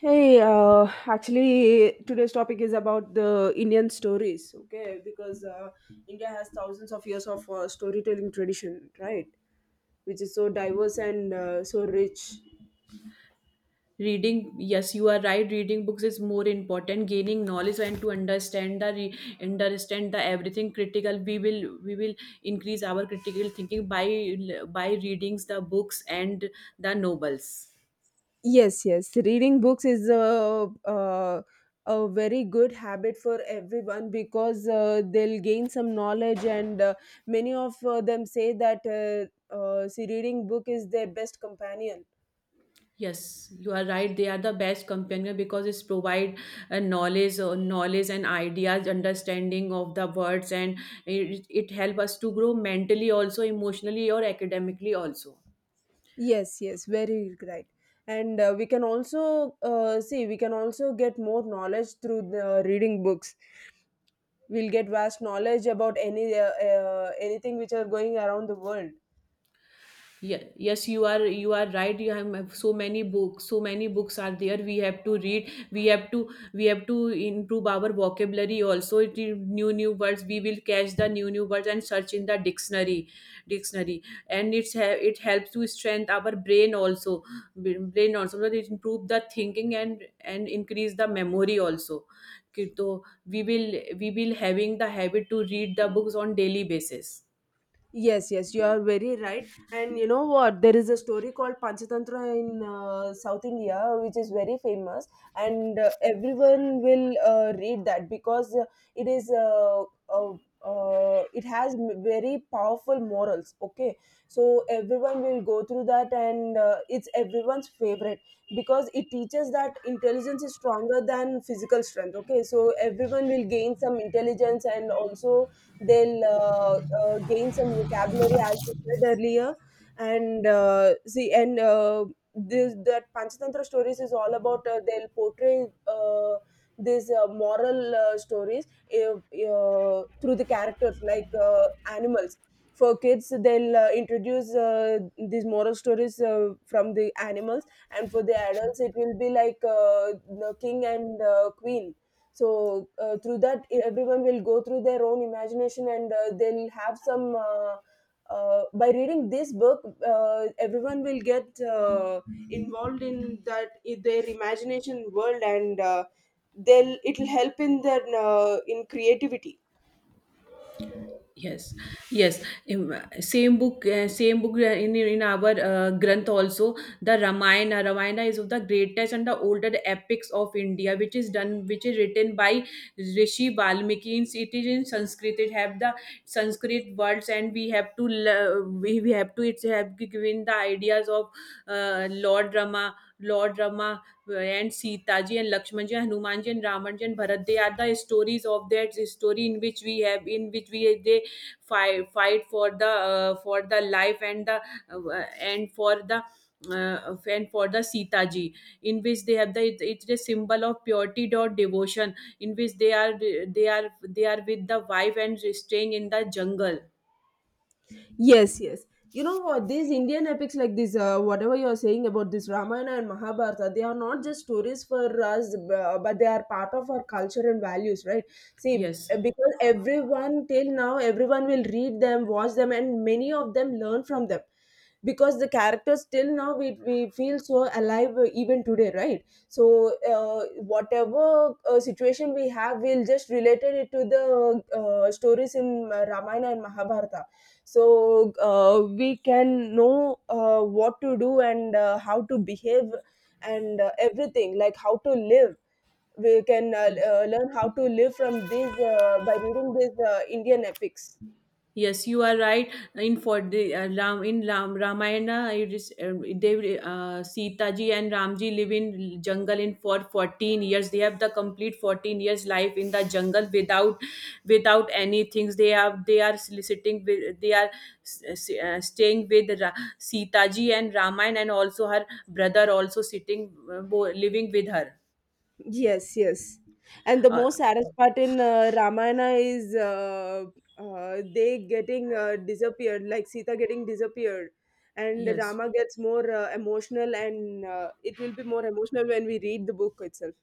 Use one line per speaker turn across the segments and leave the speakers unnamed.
Hey, actually, today's topic is about the Indian stories, okay? Because India has thousands of years of storytelling tradition, right? Which is so diverse and so rich.
Reading, yes, you are right. Reading books is more important, gaining knowledge and to understand understand the everything critical. We will increase our critical thinking by readings the books and the novels.
Yes, yes. Reading books is a very good habit for everyone because they'll gain some knowledge, and many of them say that see, reading book is their best companion.
Yes, you are right, they are the best companion because it's provide knowledge, knowledge and ideas, understanding of the words. And it help us to grow mentally, also emotionally or academically also.
Yes, yes, very right. And we can also see, we can also get more knowledge through the reading books. We'll get vast knowledge about any anything which are going around the world.
Yes, you are right. You have so many books, so many books are there, we have to read. We have to we have to improve our vocabulary also. It is new new words, we will catch the new new words and search in the dictionary. And it helps to strengthen our brain also. That it improve the thinking, and increase the memory also. कि तो we will we will having the habit to read the books on daily basis.
Yes, yes, you are very right. And you know what? There is a story called Panchatantra in South India, which is very famous, and everyone will read that because it is uh, uh, it has very powerful morals. Okay, so everyone will go through that, and it's everyone's favorite because it teaches that intelligence is stronger than physical strength. Okay, so everyone will gain some intelligence and also they'll gain some vocabulary as you said earlier, and see, and this that panchatantra stories is all about they'll portray these moral stories uh, through the characters like animals. For kids they'll introduce these moral stories from the animals, and for the adults it will be like the king and queen. So through that, everyone will go through their own imagination, and they'll have some by reading this book, everyone will get involved in that in their imagination world, and they'll, it'll help in their in creativity.
Yes, yes. In, same book, same book in our Granth also. The Ramayana, Ramayana is of the greatest and the oldest epics of India, which is done, which is written by Rishi Valmiki. It is in Sanskrit. It have the Sanskrit words, and we have to we have to it's have given the ideas of Lord Rama, Lord Rama and Sita ji and Lakshman ji, Hanuman ji and Raman ji and Bharat. They are the stories of that story in which we have, in which we they fight for the life and the and for the and for the Sita ji, in which they have the it's a symbol of purity or devotion, in which they are they are with the wife and staying in the jungle.
Yes, yes. You know what? These Indian epics, like this, whatever you're saying about this Ramayana and Mahabharata, they are not just stories for us, but they are part of our culture and values, right? See,
Yes,
because everyone till now, everyone will read them, watch them, and many of them learn from them because the characters till now we feel so alive even today, right? So whatever situation we have, we'll just related it to the stories in Ramayana and Mahabharata. So we can know what to do and how to behave, and everything like how to live. We can
yes.
learn how to live from this by reading these Indian epics.
Yes, you are right. In for the Ram in Ram Ramayana, it is they Sita ji and Ramji live in jungle in for 14 years. They have the complete 14 years life in the jungle without without any things. They have they are soliciting with they are s- staying with Sita ji and Ramayana, and also her brother also sitting living with her.
Yes, yes. And the
Uh,
most saddest part in Ramayana is they getting disappeared, like Sita getting disappeared, and
yes.
Rama gets more emotional, and it will be more emotional when we read the book itself.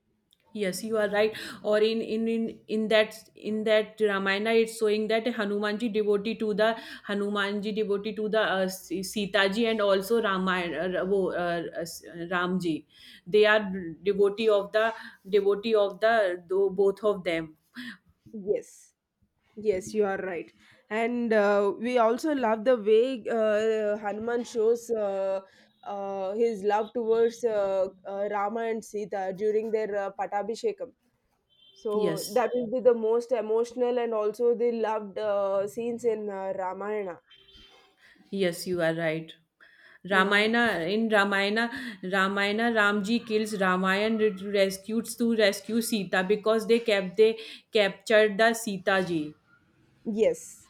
Yes, you are right. Or in in that in that Ramayana, it's showing that Hanumanji devotee to the Hanumanji devotee to the Sitaji and also Ramayana, Ramji. They are devotee of the devotee of the both of them.
Yes. Yes, you are right. And we also love the way Hanuman shows his love towards Rama and Sita during their Patabhishekam. So
Yes,
that will be the most emotional and also the loved scenes in Ramayana.
yes, you are right.
Yeah.
Ramayana, Ramji kills rescues to rescue Sita because they kept they captured the Sita ji.
Yes.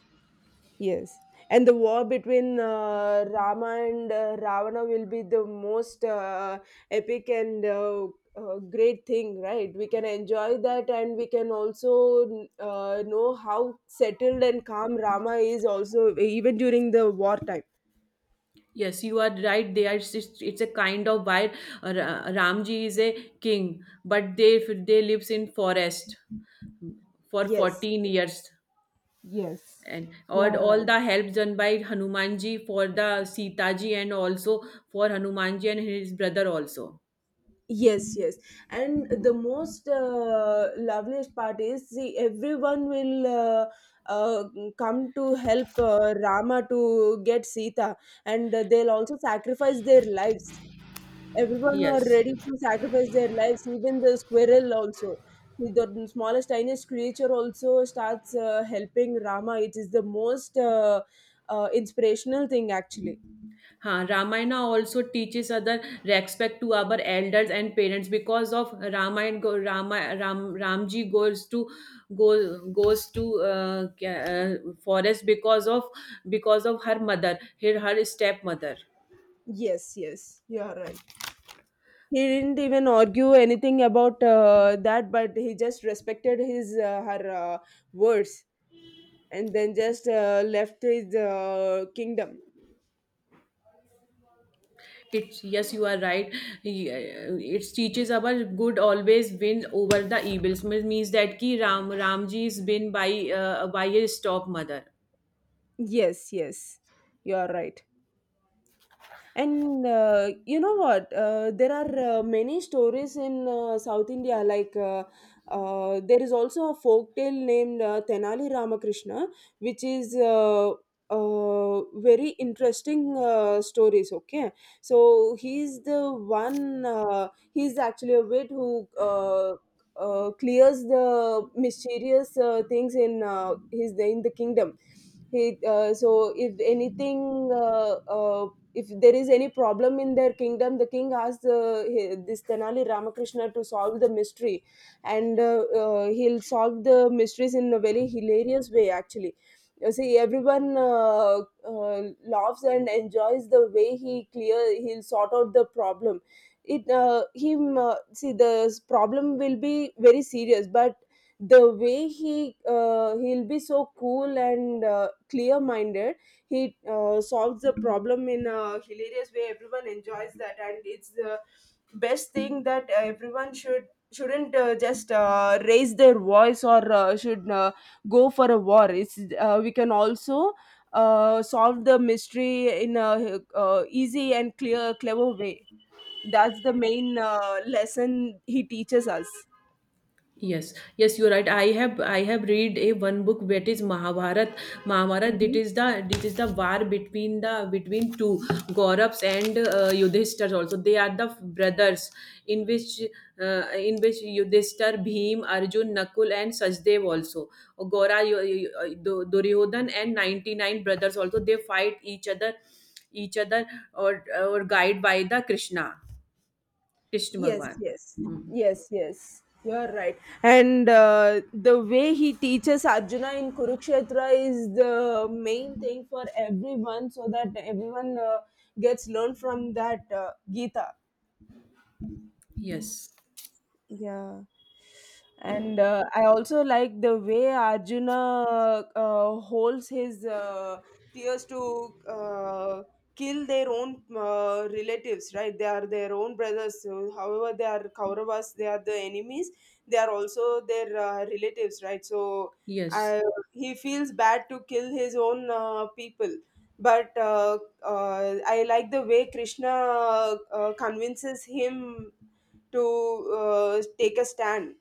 Yes, and the war between Rama and Ravana will be the most epic and great thing, right? We can enjoy that, and we can also know how settled and calm Rama is also even during the wartime.
Yes, you are right. They are. It's a kind of why Ramji is a king, but they lives in forest for
Yes,
14 years,
yes,
and
you
or
are
all
right.
the help done by Hanumanji for the Sita ji and also for Hanumanji and his brother also.
Yes, yes. And the most loveliest part is, see, everyone will uh, come to help Rama to get Sita, and they'll also sacrifice their lives. Everyone are
Yes.
ready to sacrifice their lives, even the squirrel also. See, the smallest, tiniest creature also starts helping Rama. It is the most inspirational thing, actually.
Huh, Ramayana also teaches other respect to our elders and parents because of Ramayana go, Rama, Ram Ramji goes to go goes to forest because of her mother, her stepmother.
Yes, yes, you are right. He didn't even argue anything about that, but he just respected his her words, and then just left his kingdom.
It's, yes, you are right. Yeah, it teaches our good always win over the evils, means that ki Ram Ramji is win by his stepmother.
Yes, yes, you are right. And you know what? There are many stories in South India. Like there is also a folk tale named Tenali Ramakrishna, which is very interesting stories. Okay, so he's the one. He's actually a wit who. Clears the mysterious things in his, in the kingdom. So if anything if there is any problem in their kingdom, the king asks this Tenali Ramakrishna to solve the mystery, and he'll solve the mysteries in a very hilarious way, actually. You see, everyone uh, laughs and enjoys the way he clear he'll sort out the problem. It him See, the problem will be very serious, but the way he he'll be so cool and clear minded. He solves the problem in a hilarious way, everyone enjoys that, and it's the best thing, that everyone shouldn't just raise their voice or should go for a war. It's we can also solve the mystery in a easy and clear clever way. That's the main lesson he teaches us.
Yes, yes, you're right. I have read a one book that is Mahabharat. Mahabharat, that
Mhm.
is the this is the war between the between two Gauravs and Yudhishthir. Also, they are the brothers in which in which Yudhishthir, Bhim, Arjun, Nakul, and Sachdev also. Gaura, Yu- Yu- Dur- Duryodhan and 99 brothers also they fight each other or guide by the Krishna, Krishna
Yes,
Bhagwan.
yes,
Hmm.
yes, yes. You're right. And the way he teaches Arjuna in Kurukshetra is the main thing for everyone, so that everyone gets learned from that Gita.
Yes,
Yeah. And I also like the way Arjuna holds his tears to kill their own relatives, right? They are their own brothers. So however, they are Kauravas, they are the enemies. They are also their relatives, right? So
yes.
I, he feels bad to kill his own people. But I like the way Krishna convinces him to take a stand.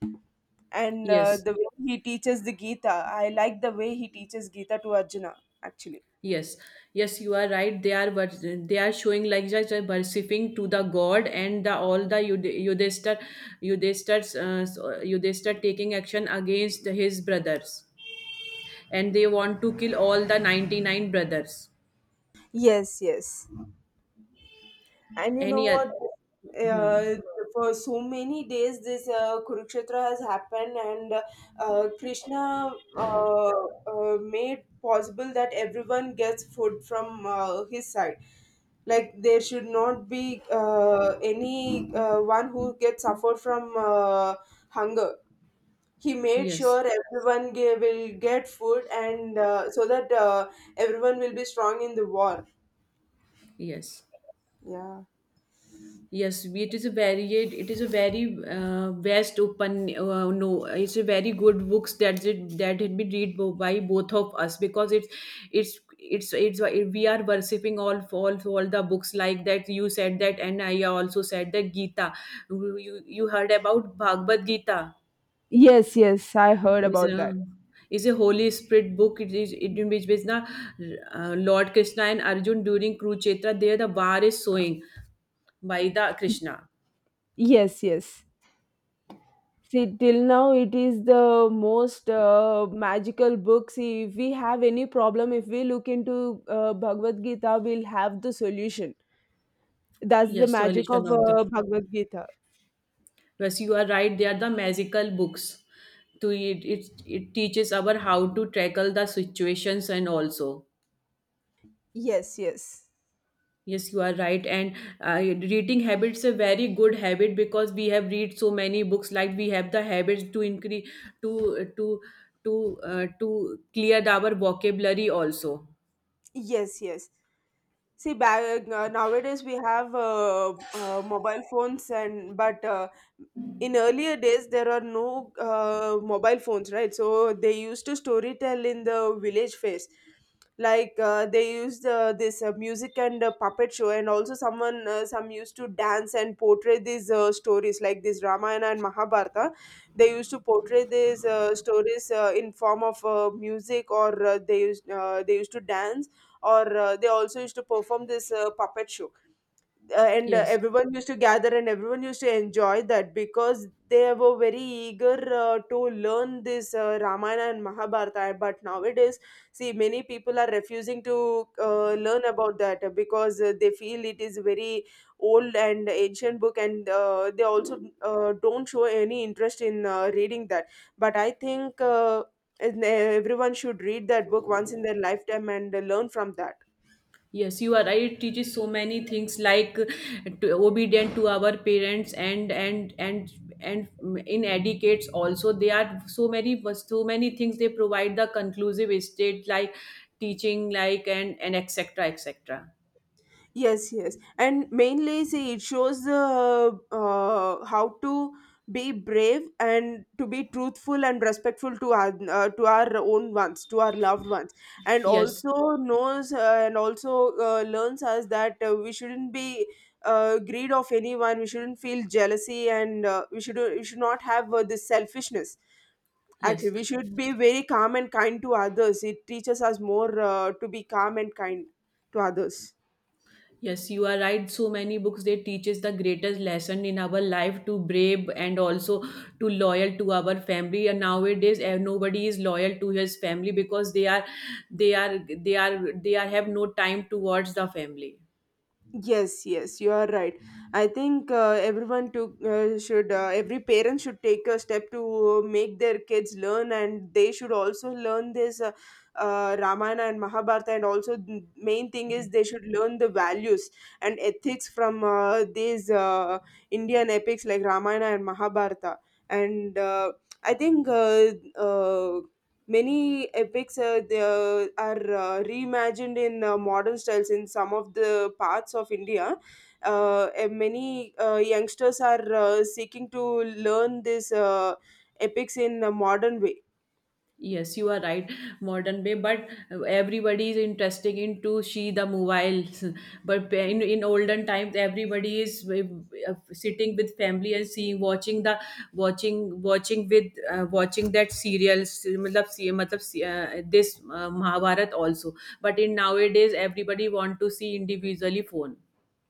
And
Yes,
the way he teaches the Gita, I like the way he teaches Gita to Arjuna, actually.
yes, yes. You are right. They are they are showing like just worshipping to the god and the all the Yudhishthir, Yudhishthir taking action against his brothers, and they want to kill all the 99 brothers.
Yes, yes. And you know
Any
what?
other? Hmm.
Uh, for so many days, this Kurukshetra has happened, and Krishna uh, made possible that everyone gets food from his side. Like there should not be any one who gets suffer from hunger. He made sure
Yes,
everyone will get food, and so that everyone will be strong in the war.
yes.
Yeah.
Yes, it is a varied. It is a very vast open. No, it's a very good books that it that had been read by both of us because it's we are worshipping all all the books like that. You said that, and I also said that Gita. You you heard about Bhagavad Gita?
Yes, yes, I heard
Is
about
a
that.
is a Holy Spirit book. It is it in which is na Lord Krishna and Arjun during Kurukshetra. There the war is showing by the Krishna.
Yes, yes. See, till now it is the most magical book. See, if we have any problem, if we look into Bhagavad Gita, we'll have the solution. That's the
Yes,
magic
solution
of, yes,
of
yes,
the,
Bhagavad Gita.
yes, you are right, they are the magical books. To it, it teaches our how to tackle the situations and also,
Yes, yes.
yes, you are right. And reading habits a very good habit because we have read so many books. Like we have the habits to increase to to to clear our vocabulary also.
Yes, yes. See, nowadays we have mobile phones, and but in earlier days there are no mobile phones, right? So they used to storytell in the village phase, like they used this music and puppet show, and also someone some used to dance and portray these stories like this Ramayana and Mahabharata. They used to portray these stories in form of music, or they used to dance, or they also used to perform this puppet show. And
Yes.
everyone used to gather and everyone used to enjoy that because they were very eager to learn this Ramayana and Mahabharata. But nowadays, see, many people are refusing to learn about that because they feel it is very old and ancient book, and they also don't show any interest in reading that. But I think everyone should read that book once in their lifetime and learn from that.
Yes, you are right. It teaches so many things like to, obedient to our parents and in educates also. They are so many so many things they provide the conclusive state like teaching like and etc etc.
Yes, yes, and mainly, see, it shows the how to be brave and to be truthful and respectful to our own ones, to our loved ones, and
Yes,
also knows and also learns us that we shouldn't be greed of anyone. We shouldn't feel jealousy, and we should not have this selfishness. Actually,
yes.
we should be very calm and kind to others. It teaches us more to be calm and kind to others.
Yes, you are right. So many books they teaches the greatest lesson in our life to brave and also to loyal to our family. And nowadays, eh, nobody is loyal to his family because they are have no time towards the family.
Yes, yes, you are right. I think everyone to should every parent should take a step to make their kids learn, and they should also learn this Ramayana and Mahabharata. And also, the main thing is they should learn the values and ethics from these Indian epics like Ramayana and Mahabharata. And I think many epics they are reimagined in modern styles in some of the parts of India. And many youngsters are seeking to learn these epics in a modern way.
Yes, you are right, modern way, but everybody is interested into she the mobile. But in olden times, everybody is sitting with family and seeing, watching watching with, watching that serials. मतलब see, this Mahabharat also. But in nowadays, everybody want to see individually phone.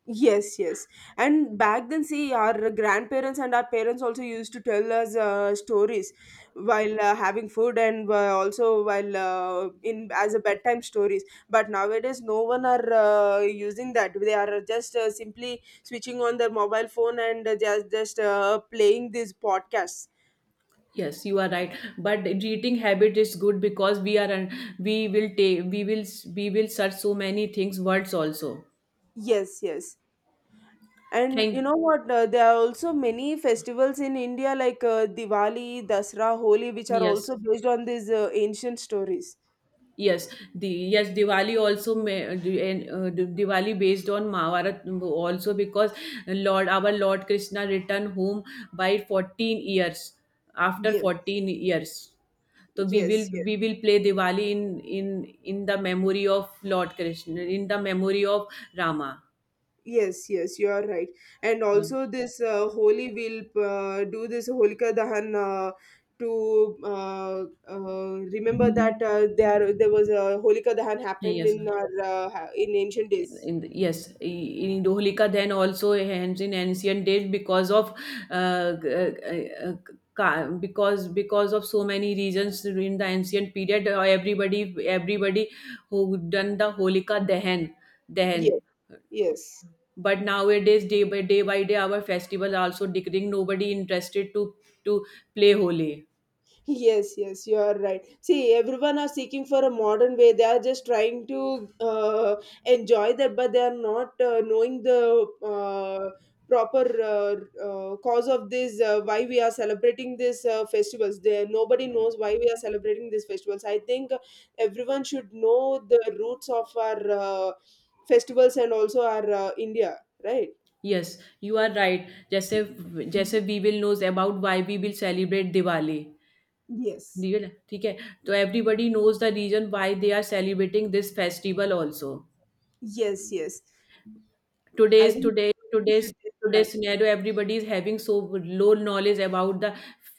Yes, yes. And back then, see, our grandparents and our parents also used to tell us stories while having food, and also while in as a bedtime stories. But nowadays, no one are using that. They are just simply switching on their mobile phone and just playing these podcasts.
Yes, you are right. But reading habit is good because we are, un- we will take, we will search so many things, words also.
Yes, yes. And you know
Thank,
what? There are also many festivals in India like Diwali, Dasra, Holi, which are
yes,
also based on these ancient stories.
yes. The, yes, Diwali also may, the- and the Diwali based on Mahabharat also because Lord our Lord Krishna returned home by fourteen years after
Yes,
14 years. So we
yes,
will
yes,
we will play Diwali in in the memory of Lord Krishna, in the memory of Rama.
yes, yes, you are right. And
Yeah.
also, this holy will do this Holika Dahan to remember that there was a Holika Dahan happened
Yes.
in our in ancient days.
Yes, in Dholika then also hands in ancient days because of uh, g- uh, uh, because of so many reasons in the ancient period. Everybody who done the Holika Dahan,
Yes, yes.
but nowadays, day by day by day our festival also decreasing, nobody interested to play Holi.
Yes, yes, you are right. See, everyone are seeking for a modern way. They are just trying to enjoy that, but they are not knowing the proper cause of this. Why we are celebrating these festivals? There, nobody knows why we are celebrating these festivals. I think everyone should know the roots of our festivals and also our India, right?
Yes, you are right. जैसे we will knows about why we will celebrate Diwali.
Yes.
Deal, ठीक है, तो everybody knows the reason why they are celebrating this festival also.
Yes, yes. I
Today's
think
today today's
everyone should.
Today's scenario, everybody is having so low knowledge about the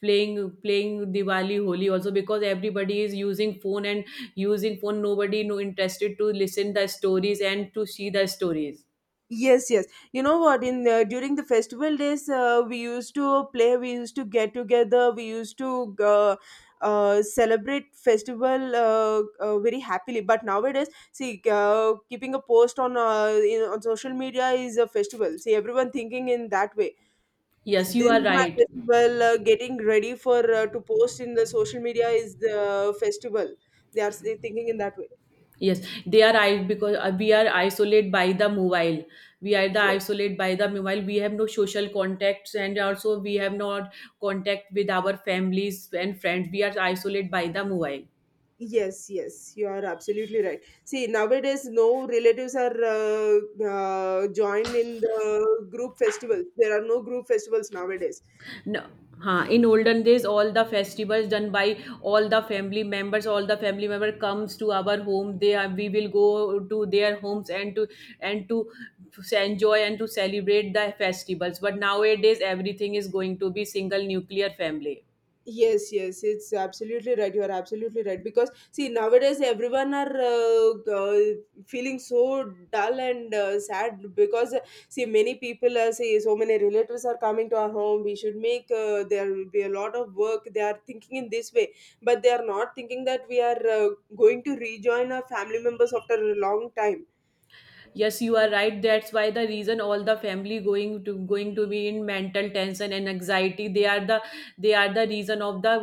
playing playing diwali holi also, because everybody is using phone, nobody no interested to listen the stories and to see the stories.
Yes, yes. You know what? In During the festival days, we used to play. We used to get together. We used to celebrate festival very happily. But nowadays, see, keeping a post on on social media is a festival. See, everyone thinking in that way.
Yes, you
This
are
is my
right.
festival. Getting ready for to post in the social media is the festival. They thinking in that
Yes, they are, I because we are isolated by the mobile. We are the
way.
isolate by the mobile. We have no social contacts and also we have not contact with our families and friends. We are isolated by the mobile.
Yes, yes, you are absolutely right. See, nowadays, no relatives are joined in the group festivals. There are no group festivals nowadays.
No. Huh. In olden days, all the festivals done by all the family members. All the family member comes to our home. They are, we will go to their homes and to enjoy and to celebrate the festivals. But nowadays, everything is going to be single nuclear family.
Yes, yes, it's absolutely right. You are absolutely right because see nowadays everyone are feeling so dull and sad because see many people are say so many relatives are coming to our home. We should make there will be a lot of work. They are thinking in this way, but they are not thinking that we are going to rejoin our family members after a long time.
Yes, you are right. That's why the reason all the family going to be in mental tension and anxiety. They are the reason of the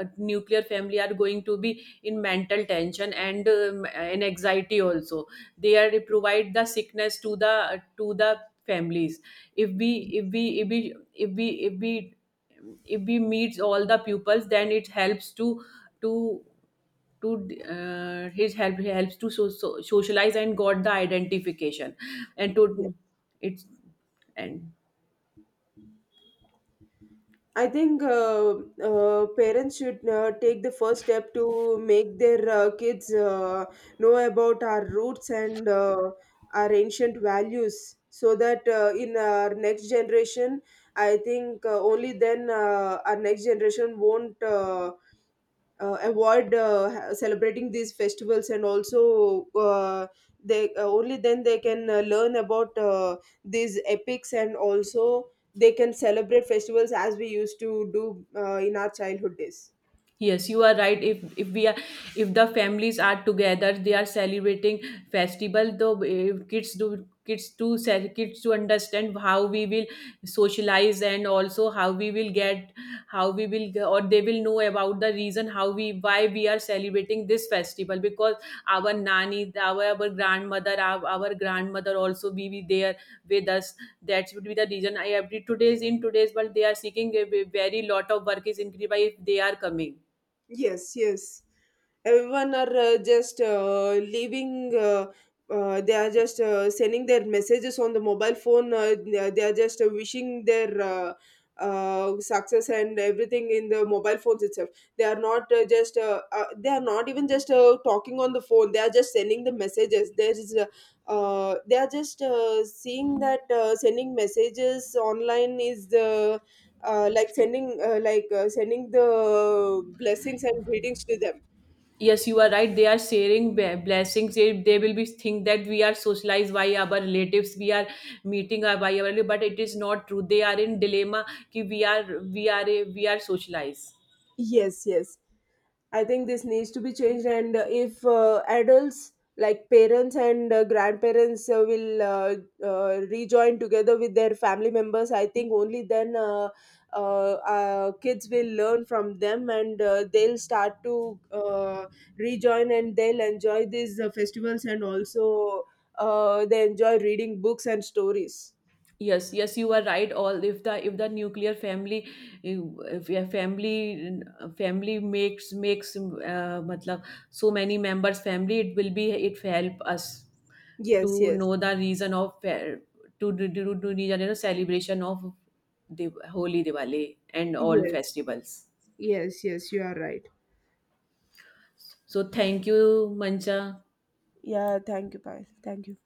nuclear family are going to be in mental tension and anxiety also. They are provide the sickness to the families. If we if we if we if we if we If we meets all the pupils, then it helps to to his help he helps to socialize and got the identification and to it's and.
I think parents should take the first step to make their kids know about our roots and our ancient values so that in our next generation, I think only then our next generation won't avoid celebrating these festivals and also they only then they can learn about these epics and also they can celebrate festivals as we used to do in our childhood days.
Yes, you are right. If we are, if the families are together, they are celebrating festival, though if kids do kids to understand how we will socialize and also how we will get how we will g- or they will know about the reason how we why we are celebrating this festival, because our nanny, our grandmother, our grandmother also be there with us. That would be the reason I every today's in today's world they are seeking a very lot of work is increased by if they are coming.
Yes, yes. Everyone are just leaving. They are just sending their messages on the mobile phone. They are just wishing their success and everything in the mobile phones itself. They are not just. They are not even just talking on the phone. They are just sending the messages. There is. They are just seeing that sending messages online is the like sending sending the blessings and greetings to them.
Yes, you are right. They are sharing blessings. They will be think that we are socialized by our relatives, we are meeting by our, but it is not true, they are in dilemma ki we are socialized.
Yes, yes. I think this needs to be changed, and if adults like parents and grandparents will rejoin together with their family members, I think only then kids will learn from them and they'll start to rejoin and they'll enjoy these festivals and also they enjoy reading books and stories.
Yes, yes, you are right. All, if the nuclear family, if your family family makes matlab, so many members family, it will be it help us
Yes,
to
yes,
know the reason of fair- to do to, you know, celebration of the Holi, Diwali, and all
yes,
festivals.
yes, yes, you are right.
So thank you, Mancha.
Yeah, thank you, bye. Thank you.